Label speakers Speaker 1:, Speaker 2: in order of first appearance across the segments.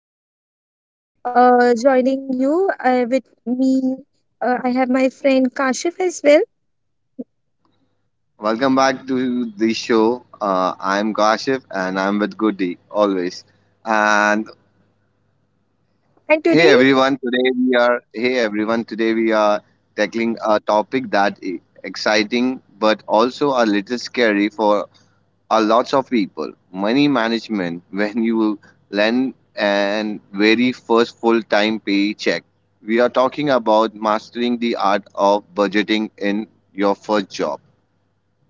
Speaker 1: This side Goody, joining you with me. I have my friend Kashif as well.
Speaker 2: Welcome back to the show. I'm Kashif and I'm with Goody always. And
Speaker 1: And
Speaker 2: hey,
Speaker 1: today,
Speaker 2: everyone, today we are hey everyone, today we are tackling a topic that is exciting but also a little scary for a lots of people. Money management when you land and very first full-time paycheck. We are talking about mastering the art of budgeting in your first job.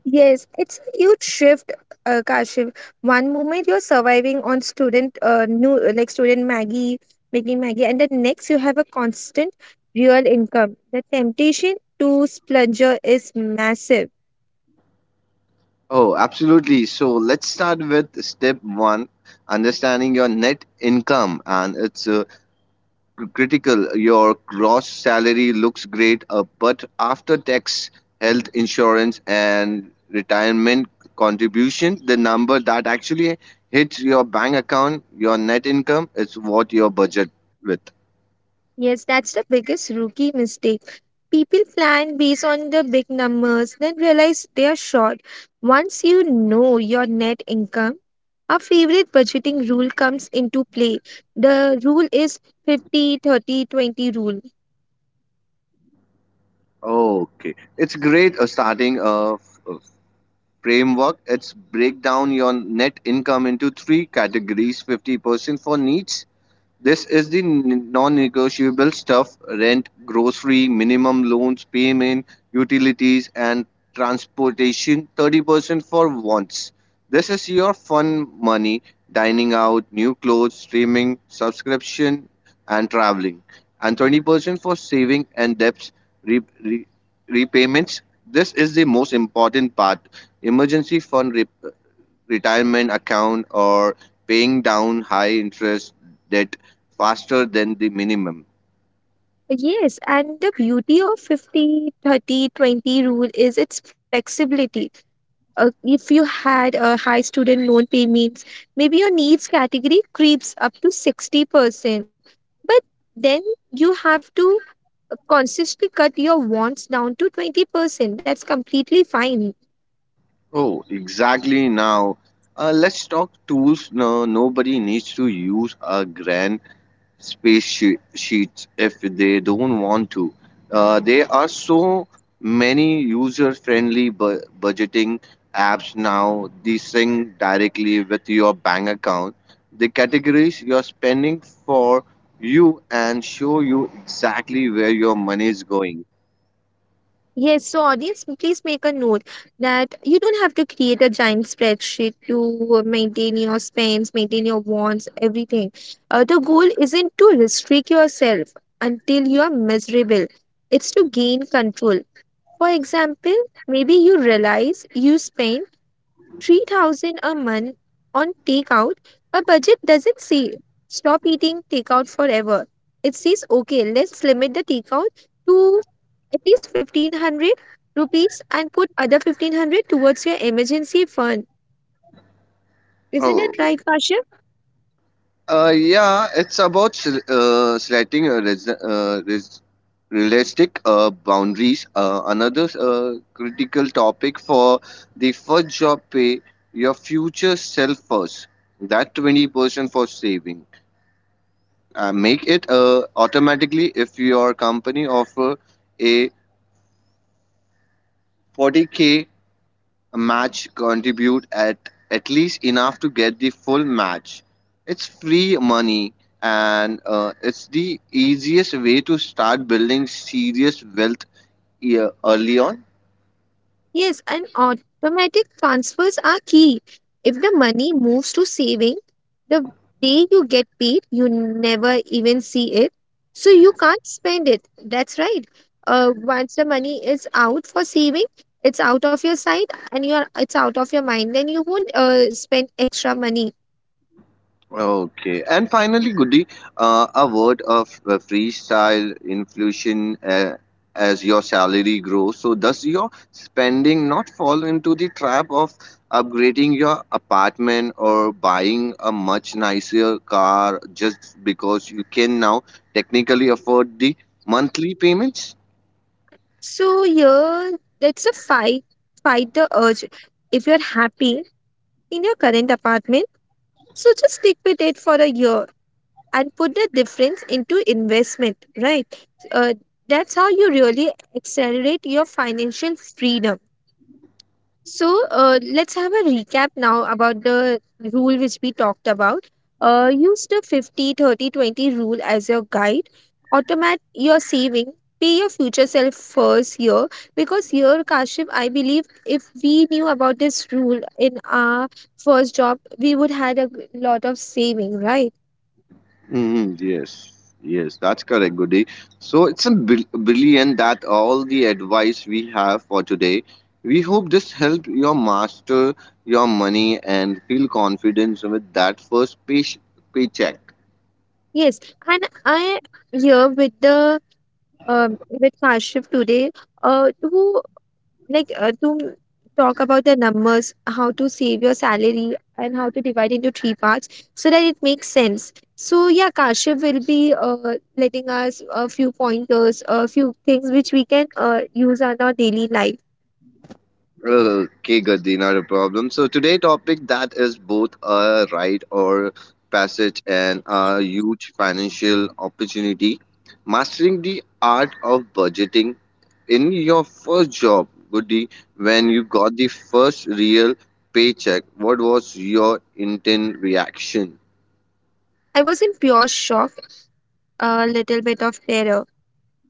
Speaker 1: yes, it's a huge shift, Kashif. One moment you're surviving on student, new like student Maggie, making Maggie, and the next you have a constant real income. The temptation to splurge is massive.
Speaker 2: Oh, absolutely. So let's start with step one understanding your net income. And it's critical. Your gross salary looks great, but after tax, health insurance, and retirement contribution, the number that actually hits your bank account, your net income, is what your budget with.
Speaker 1: Yes, that's the biggest rookie mistake. People plan based on the big numbers, then realize they are short. Once you know your net income, our favorite budgeting rule comes into play. The rule is 50/30/20 rule.
Speaker 2: Okay. It's great starting. Framework, it's break down your net income into three categories: 50% for needs, this is the non-negotiable stuff: rent, grocery, minimum loans payment, utilities, and transportation. 30% for wants. This is your fun money: dining out, new clothes, streaming, subscription, and traveling. And 20% for saving and debts re- re- repayments. This is the most important part: emergency fund retirement account or paying down high interest debt faster than the minimum.
Speaker 1: Yes, and the beauty of 50/30/20 rule is its flexibility. If you had a high student loan payments, maybe your needs category creeps up to 60%. But then you have to consistently cut your wants down to 20%. That's completely fine.
Speaker 2: Oh, exactly now. Let's talk tools. No, nobody needs to use a grand sheets if they don't want to. There are so many user-friendly budgeting apps now. They sync directly with your bank account. They categorize your spending for you and show you exactly where your money is going.
Speaker 1: Yes, so audience, please make a note that you don't have to create a giant spreadsheet to maintain your spends, maintain your wants, everything. The goal isn't to restrict yourself until you are miserable, it's to gain control. For example, maybe you realize you spend 3,000 a month on takeout. A budget doesn't say stop eating takeout forever. It says okay, let's limit the takeout to at least 1500 rupees and put other 1500 towards your emergency fund. Isn't it
Speaker 2: Oh,
Speaker 1: right, Pasha?
Speaker 2: Yeah, it's about selecting a realistic boundaries. Another critical topic for the first job: pay your future self first. That 20% for saving. Make it automatically if your company offer a 40K match, contribute at least enough to get the full match. It's free money, and it's the easiest way to start building serious wealth e- early on.
Speaker 1: Yes, and automatic transfers are key. If the money moves to saving, the day you get paid, you never even see it. So you can't spend it. That's right. Once the money is out for saving, it's out of your sight and you're it's out of your mind. Then you won't spend extra money.
Speaker 2: Okay, and finally, Goody, a word of freestyle inflation as your salary grows. So, does your spending not fall into the trap of upgrading your apartment or buying a much nicer car just because you can now technically afford the monthly payments?
Speaker 1: So yeah, that's a fight. Fight the urge. If you're happy in your current apartment, so just stick with it for a year and put the difference into investment, right? Uh, that's how you really accelerate your financial freedom. So let's have a recap now about the rule which we talked about. Use the 50/30/20 rule as your guide. Automate your saving. Pay your future self first year, because here, Kashif, I believe if we knew about this rule in our first job, we would had a lot of saving, right?
Speaker 2: Hmm. Yes, yes, that's correct, Goody. So it's a brilliant that all the advice we have for today. We hope this helped your master your money and feel confidence with that first paycheck.
Speaker 1: Yes, and I here with the with Kashif today uh to to talk about the numbers, how to save your salary and how to divide into three parts so that it makes sense. So yeah, Kashif will be letting us a few pointers, a few things which we can use on our daily life.
Speaker 2: Okay, Gaddi, not a problem. So today topic that is both a rite or passage and a huge financial opportunity. Mastering the art of budgeting in your first job, Goody, when you got the first real paycheck, what was your intent reaction?
Speaker 1: I was in pure shock, a little bit of terror.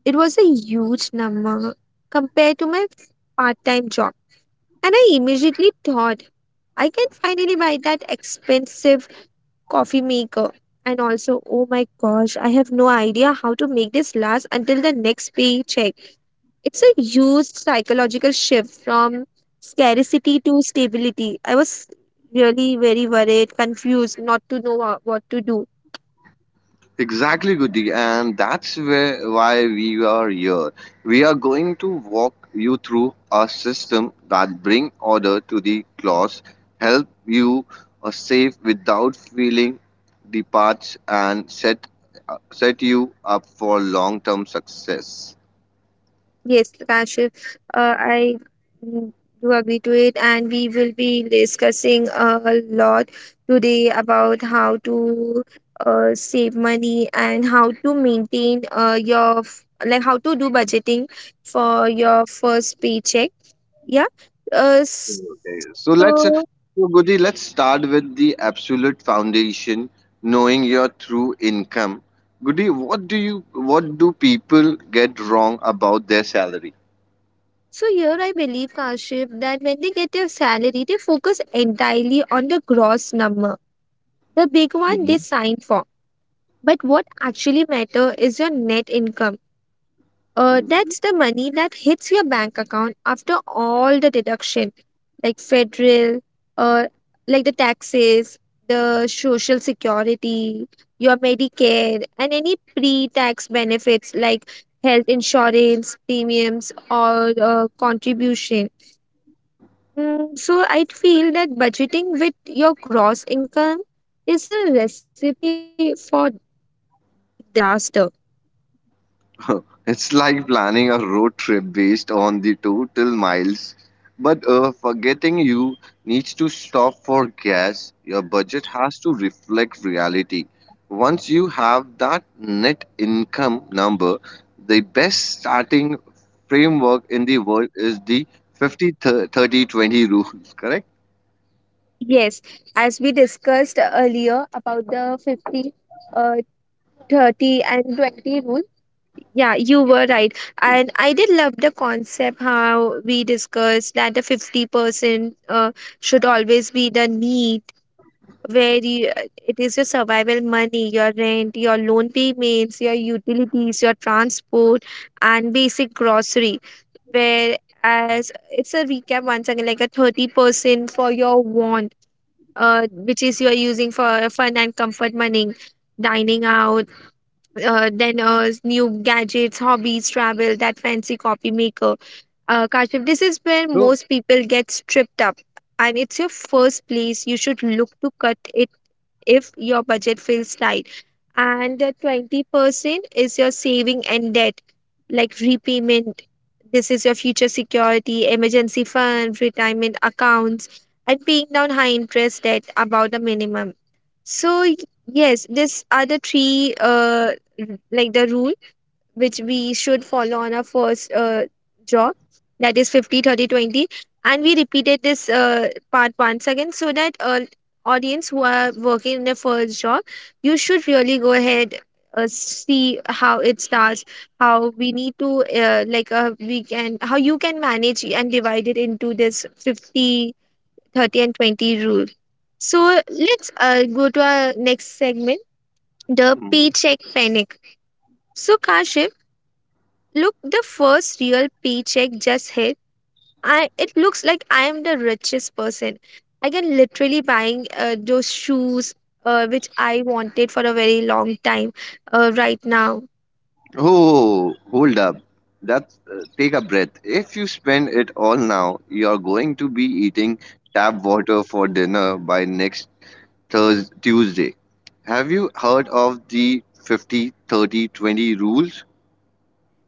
Speaker 1: It was a huge number compared to my part-time job. And I immediately thought, I can finally buy that expensive coffee maker. And also, oh my gosh, I have no idea how to make this last until the next paycheck. It's a huge psychological shift from scarcity to stability. I was really very worried, confused, not to know what to do.
Speaker 2: Exactly, Goody, and that's where why we are here. We are going to walk you through a system that bring order to the chaos, help you save without feeling the parts, and set you up for long-term success.
Speaker 1: Yes, Kashif, I mm, do agree to it, and we will be discussing a lot today about how to save money and how to maintain like how to do budgeting for your first paycheck. Yeah. Uh, s-
Speaker 2: Okay,
Speaker 1: so
Speaker 2: so Goody, let's start with the absolute foundation, knowing your true income. Goody, what do people get wrong about their salary?
Speaker 1: so here I believe, Kashif, that when they get their salary, they focus entirely on the gross number, the big one they
Speaker 2: Mhm.
Speaker 1: sign for. But what actually matter is your net income. That's the money that hits your bank account after all the deduction, like federal, uh, like the taxes, the social security, your Medicare, and any pre-tax benefits like health insurance, premiums, or contribution. So I feel that budgeting with your gross income is a recipe for big disaster.
Speaker 2: It's like planning a road trip based on the total miles. But forgetting you needs to stop for gas. Your budget has to reflect reality. Once you have that net income number, the best starting framework in the world is the 50 30 20 rule, correct?
Speaker 1: Yes, as we discussed earlier about the 50, uh, 30, and 20 rule. Yeah, you were right. And I did love the concept how we discussed that the 50% should always be the need, where you, uh, it is your survival money, your rent, your loan payments, your utilities, your transport, and basic grocery. Whereas it's a recap once again, like a 30% for your wants, which is you are using for fun and comfort money, dining out, then new gadgets, hobbies, travel, that fancy copy maker. Kashif, this is where
Speaker 2: So,
Speaker 1: most people get stripped up, and it's your first place you should look to cut it if your budget feels tight. And the 20% is your saving and debt, like repayment. This is your future security, emergency fund, retirement accounts, and paying down high interest debt about a minimum. So, yes, these are the three, like the rules which we should follow on our first job, that is 50, 30, 20, and we repeated this part once again so that audience who are working in their first job, you should really go ahead, see how it starts, how we need to like we can how you can manage and divide it into this 50, 30, and 20 rule. So let's go to our next segment, the
Speaker 2: Mm.
Speaker 1: paycheck panic. So Kashif, look, the first real paycheck just hit. I it looks like I am the richest person. I can literally buying those shoes which I wanted for a very long time, right now.
Speaker 2: Oh, hold up. That's take a breath. If you spend it all now, you're going to be eating tap water for dinner by next Thursday, Tuesday. Have you heard of the 50/30/20 rules?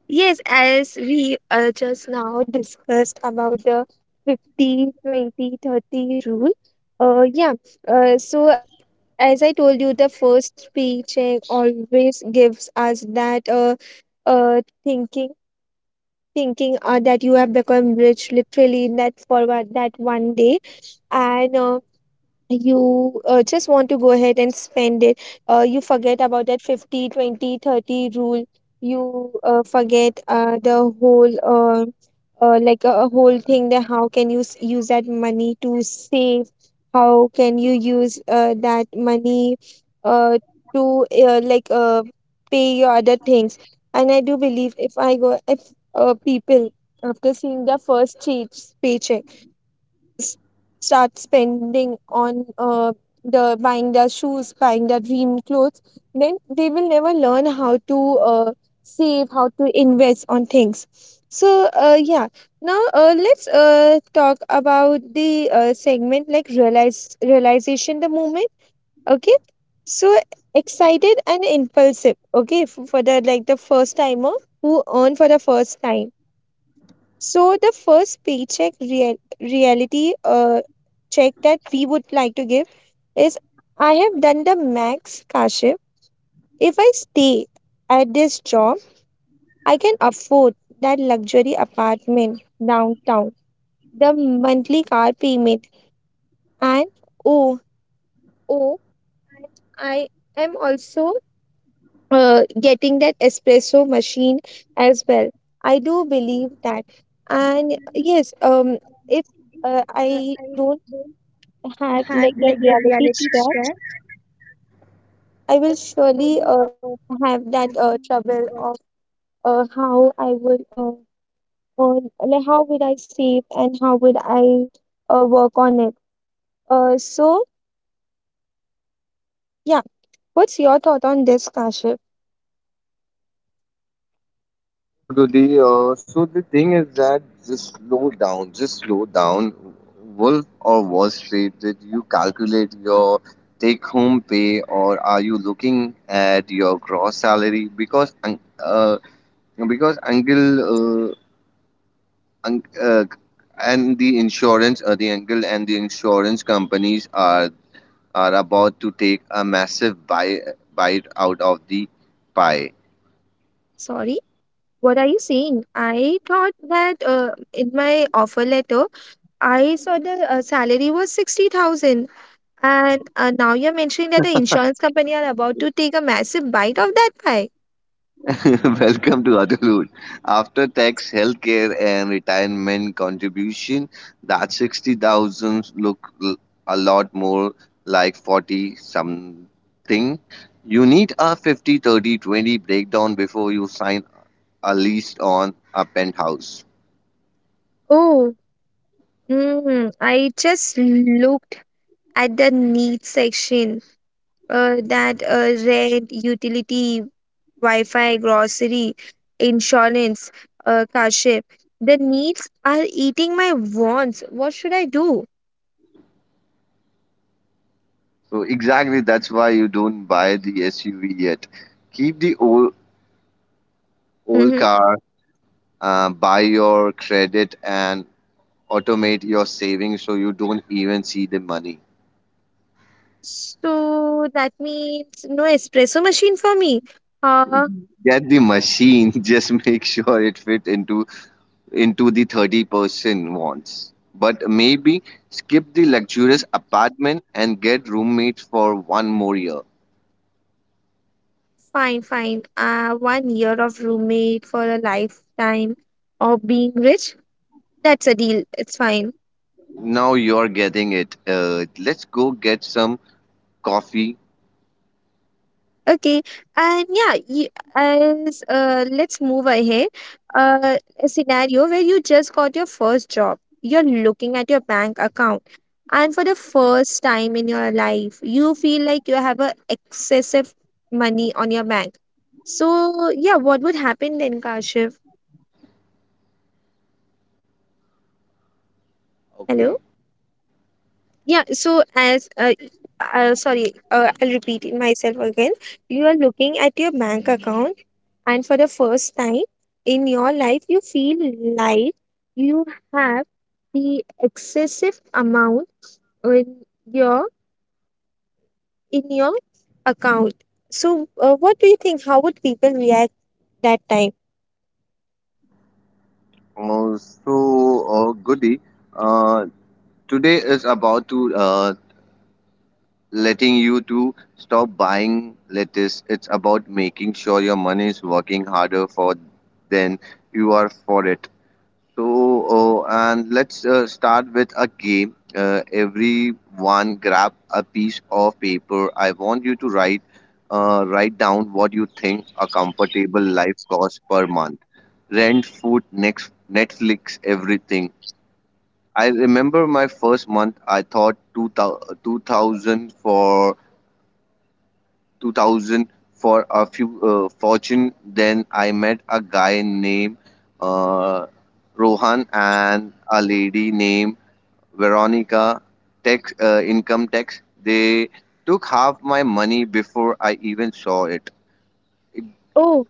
Speaker 1: Yes, as we just now discussed about the 50, 20, 30 rule. Yeah. So as I told you, the first paycheck always gives us that uh, thinking thinking that you have become rich literally in that one day, and you just want to go ahead and spend it. You forget about that 50, 20, 30 rule. You forget the whole like a whole thing, that how can you use that money to save, how can you use that money uh, to like pay your other things. And I do believe if I go, if people, after seeing their first cheap paycheck, s- start spending on the buying their shoes, buying their dream clothes, then they will never learn how to uh, save, how to invest on things. So yeah, now let's talk about the segment, like realize realization the moment. Okay, so excited and impulsive. Okay, for the like the first timer who earn for the first time, so the first paycheck reality check that we would like to give is, I have done the max, Kashif. If I stay at this job, I can afford that luxury apartment downtown, the monthly car payment, and oh, oh, I am also getting that espresso machine as well. I do believe that. And yes, if I don't have like that reality check, I will surely have that trouble of how I would earn, like how would I save and how would I work on it. So yeah, what's your thought on this, Kashif?
Speaker 2: Yes, Goody. So the thing is that just slow down, just slow down. Wolf or Wall Street, did you calculate your take home pay or are you looking at your gross salary? Because because uncle uh, un- uh, and the insurance the uncle and the insurance companies are about to take a massive bite out of the pie.
Speaker 1: Sorry, what are you saying? I thought that in my offer letter, I saw the salary was 60,000, and now you're mentioning that the insurance company are about to take a massive bite of that pie.
Speaker 2: Welcome to adulthood. After tax, healthcare, and retirement contribution, that 60,000 look a lot more like 40 something. You need a 50, 30, 20 breakdown before you sign are leased on a penthouse.
Speaker 1: Oh. I just looked at the needs section, that rent, utility, Wi-Fi, grocery, insurance, car ship. The needs are eating my wants. What should I do?
Speaker 2: So exactly that's why you don't buy the SUV yet. Keep the old
Speaker 1: Hmm.
Speaker 2: car, buy your credit and automate your savings so you don't even see the money.
Speaker 1: So that means no espresso machine for me. Uh,
Speaker 2: Get the machine, just make sure it fit into the 30% wants. But maybe skip the luxurious apartment and get roommates for one more year.
Speaker 1: Fine, fine. One year of roommate for a lifetime of being rich. That's a deal. It's fine.
Speaker 2: Now you're getting it. Let's go get some coffee.
Speaker 1: Okay, and yeah, you, as let's move ahead. A scenario where you just got your first job. You're looking at your bank account, and for the first time in your life, you feel like you have a excessive money on your bank. So yeah, what would happen then, Kashiv? Hello. Yeah. So as sorry, I'll repeat it myself again. You are looking at your bank account. And for the first time in your life, you feel like you have the excessive amount in your in your account. So, what do you think? How would people react that time?
Speaker 2: Uh, so, Goody, uh, today is about to letting you to stop buying lettuce. It's about making sure your money is working harder for than you are for it. So, and let's start with a game. Everyone grab a piece of paper. I want you to write down what you think a comfortable life costs per month. Rent, food, next Netflix, everything. I remember my first month. I thought 2000 for 2000 for a few fortune. Then I met a guy named uh, Rohan and a lady named Veronica. Tax, income tax. They took half my money before I even saw it.
Speaker 1: Oh,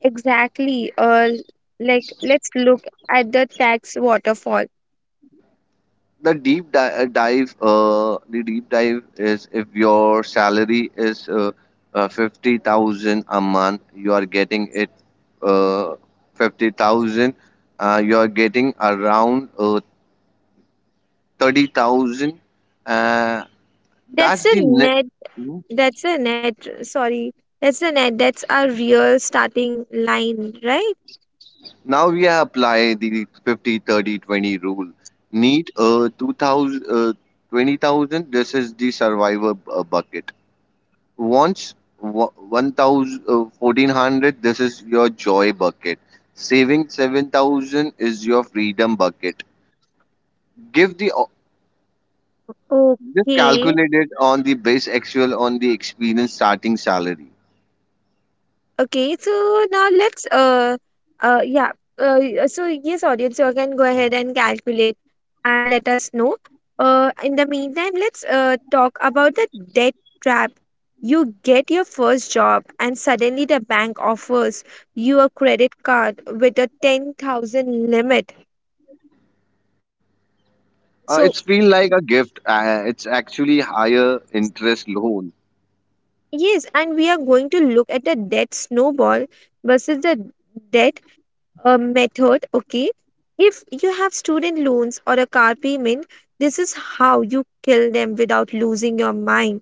Speaker 1: exactly. Like let's look at the tax waterfall.
Speaker 2: The deep di- dive the deep dive is if your salary is 50,000 a month, you are getting it uh, 50000 uh, you are getting around 30,000. uh,
Speaker 1: That's
Speaker 2: that's
Speaker 1: the
Speaker 2: the ne-
Speaker 1: net.
Speaker 2: Mhm.
Speaker 1: That's the net. Sorry, that's the net. That's our real starting line, right?
Speaker 2: Now we apply the 50/30/20 rule. Need 20,000, this is the survivor bucket. Once 1000, 1400, this is your joy bucket. Saving 7000 is your freedom bucket. Give the just
Speaker 1: Okay.
Speaker 2: calculate it on the base actual on the experience starting salary.
Speaker 1: Okay, so now let's yeah. So yes, audience, you can go ahead and calculate and let us know. In the meantime, let's talk about the debt trap. You get your first job and suddenly the bank offers you a credit card with a 10,000 limit. So
Speaker 2: It's feel like a gift. It's actually higher interest loan.
Speaker 1: yes, and we are going to look at the debt snowball versus the debt A method. Okay, if you have student loans or a car payment, this is how you kill them without losing your mind.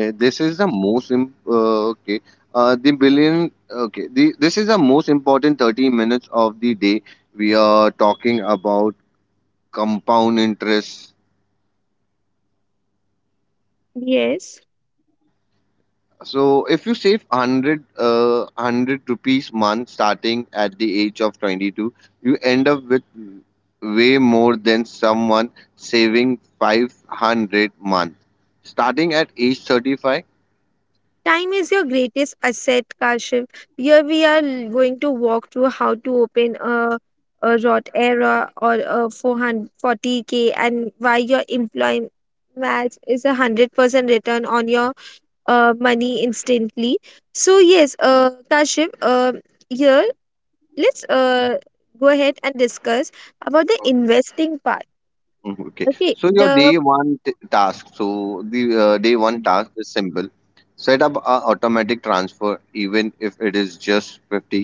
Speaker 2: This is the most imp- Okay. The billion. Okay. This is the most important 30 minutes of the day. We are talking about compound interest.
Speaker 1: Yes,
Speaker 2: So if you save 100 rupees month starting at the age of 22, you end up with way more than someone saving 500-month starting at age 35.
Speaker 1: time is your greatest asset, Kashif. Here we are going to walk through how to open a rot era or a 440k, and why your employment match is 100% return on your money instantly. So yes, Kashif, here, let's go ahead and discuss about the investing part.
Speaker 2: Mhm, okay.
Speaker 1: Okay,
Speaker 2: So your
Speaker 1: the
Speaker 2: day one task. So the day one task is simple. Set up a automatic transfer, even if it is just 50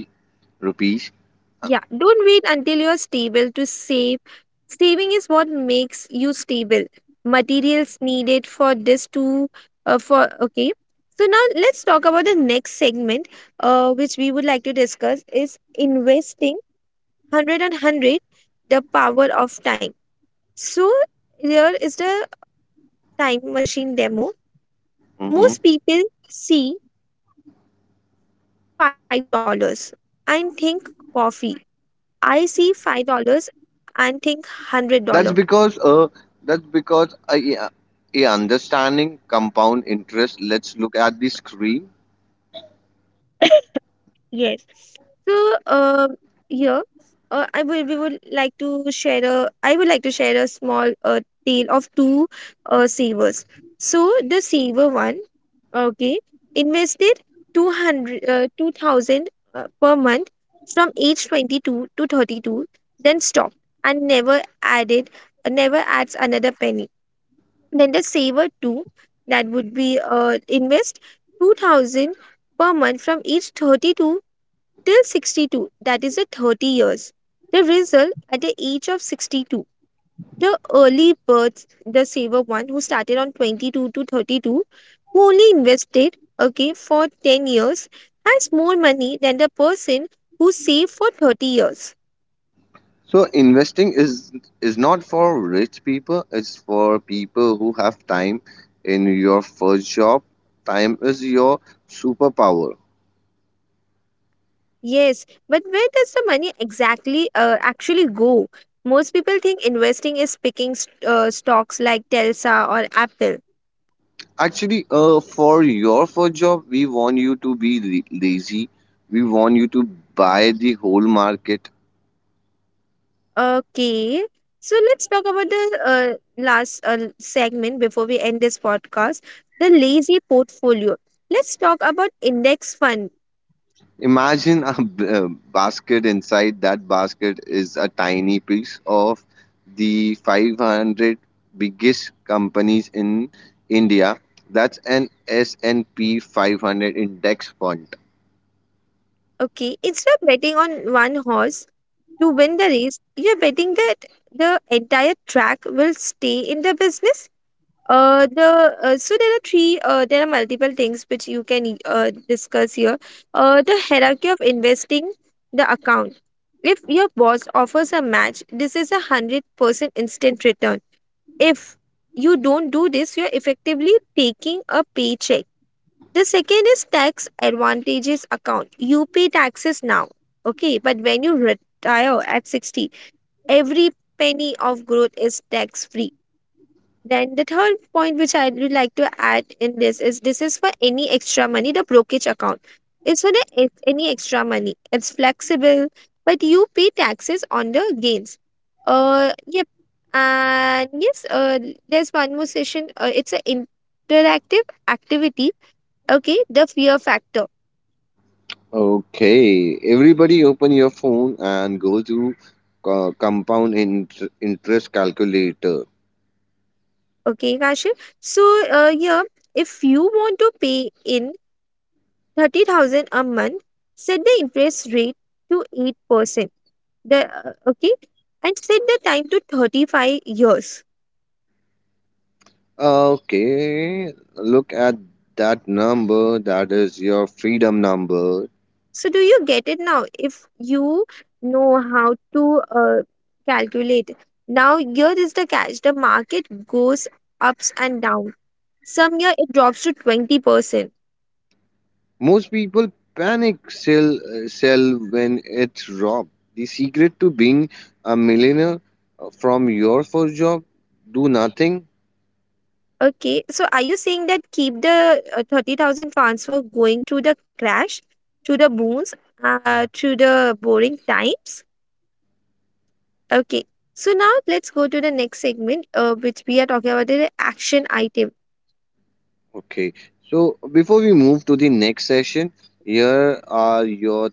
Speaker 2: rupees.
Speaker 1: yeah, don't wait until you're stable to save. Saving is what makes you stable. Materials needed for this to for okay. So now let's talk about the next segment, which we would like to discuss is investing. Hundred and hundred, the power of time. So here is the time machine demo.
Speaker 2: Mhm.
Speaker 1: Most people see $5 dollars and think coffee. I see $5 dollars and think $100.
Speaker 2: That's because a understanding compound interest. Let's look at the screen.
Speaker 1: Yes. So, uh, here, I would like to share a small tale of two savers. So the saver one, okay, invested 2000 per month from age 22 to 32, then stopped and never adds another penny. Then the saver too, that would be invest 2000 per month from age 32 till 62, that is the 30 years. The result at the age of 62, the early births, the saver one who started on 22 to 32, who only invested, okay, for 10 years, has more money than the person who saved for 30 years.
Speaker 2: So investing is not for rich people. It's for people who have time in your first job. Time is your superpower.
Speaker 1: Yes, but where does the money actually go? Most people think investing is picking stocks like Telsa or Apple.
Speaker 2: Actually, for your first job, we want you to be lazy. We want you to buy the whole market.
Speaker 1: Okay, so let's talk about the last segment before we end this podcast, the lazy portfolio. Let's talk about index fund.
Speaker 2: Imagine a a basket. Inside that basket is a tiny piece of the 500 biggest companies in India. That's an S&P 500 index fund.
Speaker 1: Okay, instead of betting on one horse to win the race, you're betting that the entire track will stay in the business. The so there are three. There are multiple things which you can discuss here. The hierarchy of investing, the account. If your boss offers a match, this is 100% instant return. If you don't do this, you're effectively taking a paycheck. The second is tax advantages account. You pay taxes now, okay, but when you retire at 60, every penny of growth is tax free. Then the third point which I would like to add in this is for any extra money, the brokerage account. It's for the if any extra money. It's flexible, but you pay taxes on the gains. Yep. And yes, there's one more session. It's an interactive activity. Okay, the fear factor.
Speaker 2: Okay, everybody open your phone and go to compound interest calculator.
Speaker 1: Okay, Kashif. So, yeah, if you want to pay in 30,000 a month, set the interest rate to 8%. The Okay, and set the time to 35 years.
Speaker 2: Okay, look at that number. That is your freedom number.
Speaker 1: So do you get it now? If you know how to calculate, now here is the catch. The market goes ups and down. Some year it drops to 20%.
Speaker 2: Most people panic sell, when it's robbed. The secret to being a millionaire from your first job, do nothing.
Speaker 1: Okay, so are you saying that keep the 30,000 transfer going to the crash, to the booms, to the boring times? Okay, so now let's go to the next segment, which we are talking about the action item.
Speaker 2: Okay. So before we move to the next session, here are your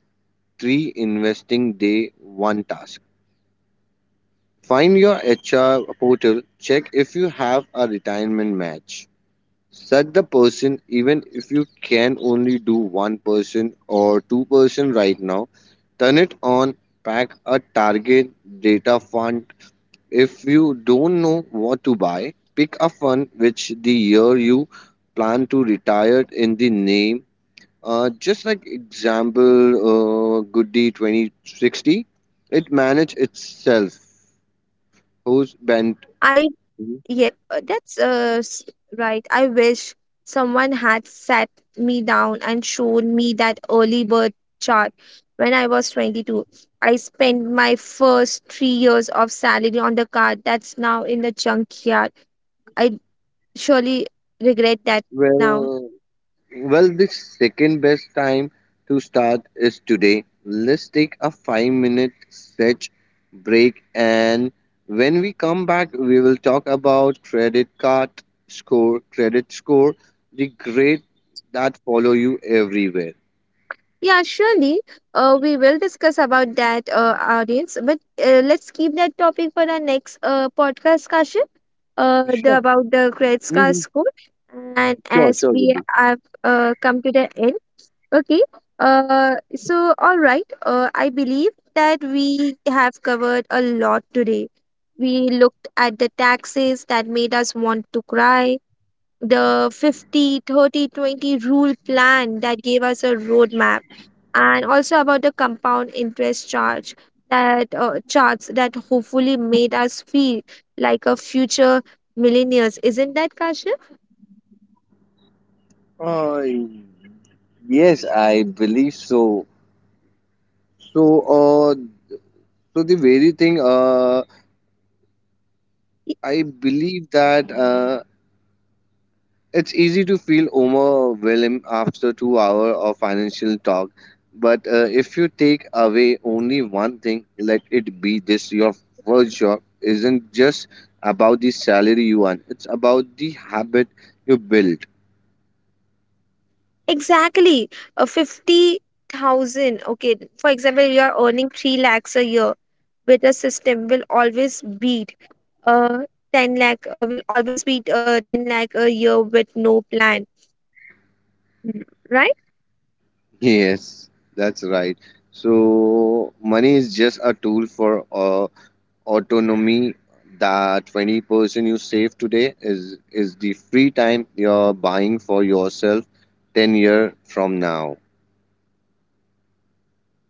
Speaker 2: three investing day one task. Find your HR portal, check if you have a retirement match. Such the person, even if you can only do one person or two-person right now, turn it on, pack a target data fund. If you don't know what to buy, pick a fund which the year you plan to retire in the name. Just like example, Goodie 2060, it manage itself. Who's bent?
Speaker 1: I Yes, that's right. I wish someone had sat me down and shown me that early bird chart when I was 22. I spent my first 3 years of salary on the card that's now in the junkyard. I surely regret that now.
Speaker 2: Well, Well, the second best time to start is today. Let's take a 5 minute stretch break, and when we come back, we will talk about credit card score, credit score, the grade that follow you everywhere.
Speaker 1: Yeah, surely. We will discuss about that, audience. But let's keep that topic for the next podcast discussion, the
Speaker 2: Sure,
Speaker 1: about the credit card
Speaker 2: hmm
Speaker 1: score. And
Speaker 2: sure,
Speaker 1: as
Speaker 2: sure,
Speaker 1: we
Speaker 2: Vidhi.
Speaker 1: have come to the end, okay, all right, I believe that we have covered a lot today. We looked at the taxes that made us want to cry, the 50, 30, 20 rule plan that gave us a roadmap, and also about the compound interest charge that charts that hopefully made us feel like a future millionaires. Isn't that, Kashyap?
Speaker 2: Uh, yes, I believe so. So, so the very thing, uh,
Speaker 1: Y-
Speaker 2: I believe that. It's easy to feel overwhelmed after 2 hours of financial talk, but if you take away only one thing, let it be this: your first job isn't just about the salary you earn; it's about the habit you build.
Speaker 1: Exactly. 50,000. Okay. For example, you are earning 3 lakhs a year with a system will always uh beat 10 lakh a year with no plan. Mm, right?
Speaker 2: Yes, that's right. So money is just a tool for autonomy. That 20% you save today is the free time you're buying for yourself 10-year from now.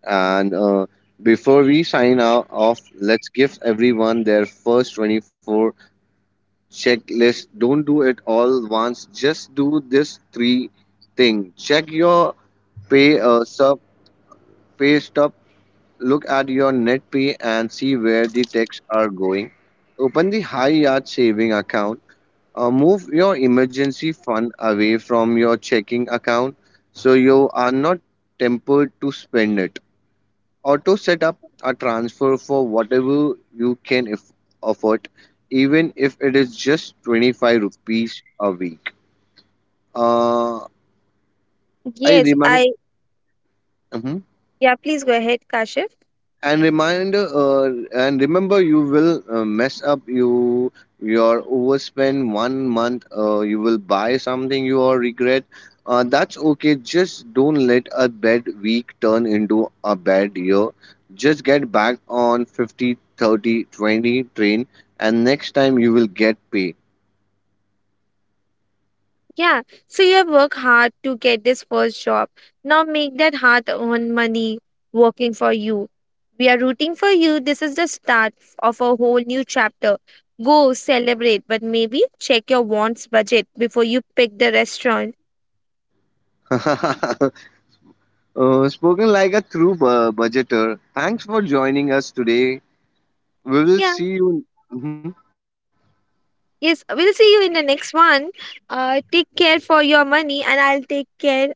Speaker 2: And before we sign out off, let's give everyone their first 24 checklist. Don't do it all once, just do this three thing: check your pay uh, sub pay stub, look at your net pay and see where the tax are going. Open the high yard saving account. Move your emergency fund away from your checking account so you are not tempted to spend it. Auto set up a transfer for whatever you can afford, even if it is just 25 rupees a week. Uh, I
Speaker 1: Yes,
Speaker 2: remind. Mm-hmm.
Speaker 1: yeah, please go ahead, Kashif.
Speaker 2: and reminder and remember, you will mess up, your overspend one month, you will buy something you are regret. That's okay, just don't let a bad week turn into a bad year. Just get back on 50, 30, 20 train, and next time you will get paid.
Speaker 1: Yeah, so you have worked hard to get this first job. Now make that hard earned money working for you. We are rooting for you. This is the start of a whole new chapter. Go celebrate, but maybe check your wants budget before you pick the restaurant.
Speaker 2: uh, Spoken like a true budgeter. Thanks for joining us today, we will
Speaker 1: Yeah,
Speaker 2: see you. Mhm.
Speaker 1: yes, we'll see you in the next one. Take care for your money, and I'll take care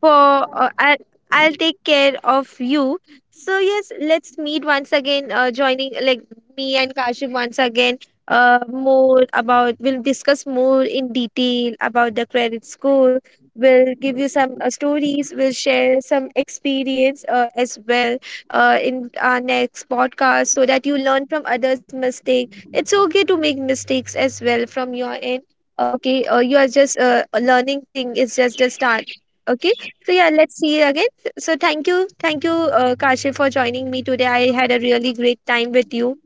Speaker 1: for uh, I'll, I'll take care of you. So yes, let's meet once again. Joining like me and Kashif once again. More about we'll discuss more in detail about the credit score. We'll give you some stories. We'll share some experience as well in our next podcast, so that you learn from others' mistake. It's okay to make mistakes as well from your end. Okay, you are just a learning thing. It's just a start. Okay. So yeah, let's see you again. So thank you, Kashif, for joining me today. I had a really great time with you.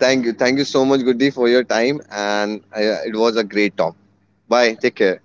Speaker 2: Thank you. Thank you so much, Goody, for your time. And it was a great talk. Bye. Take care.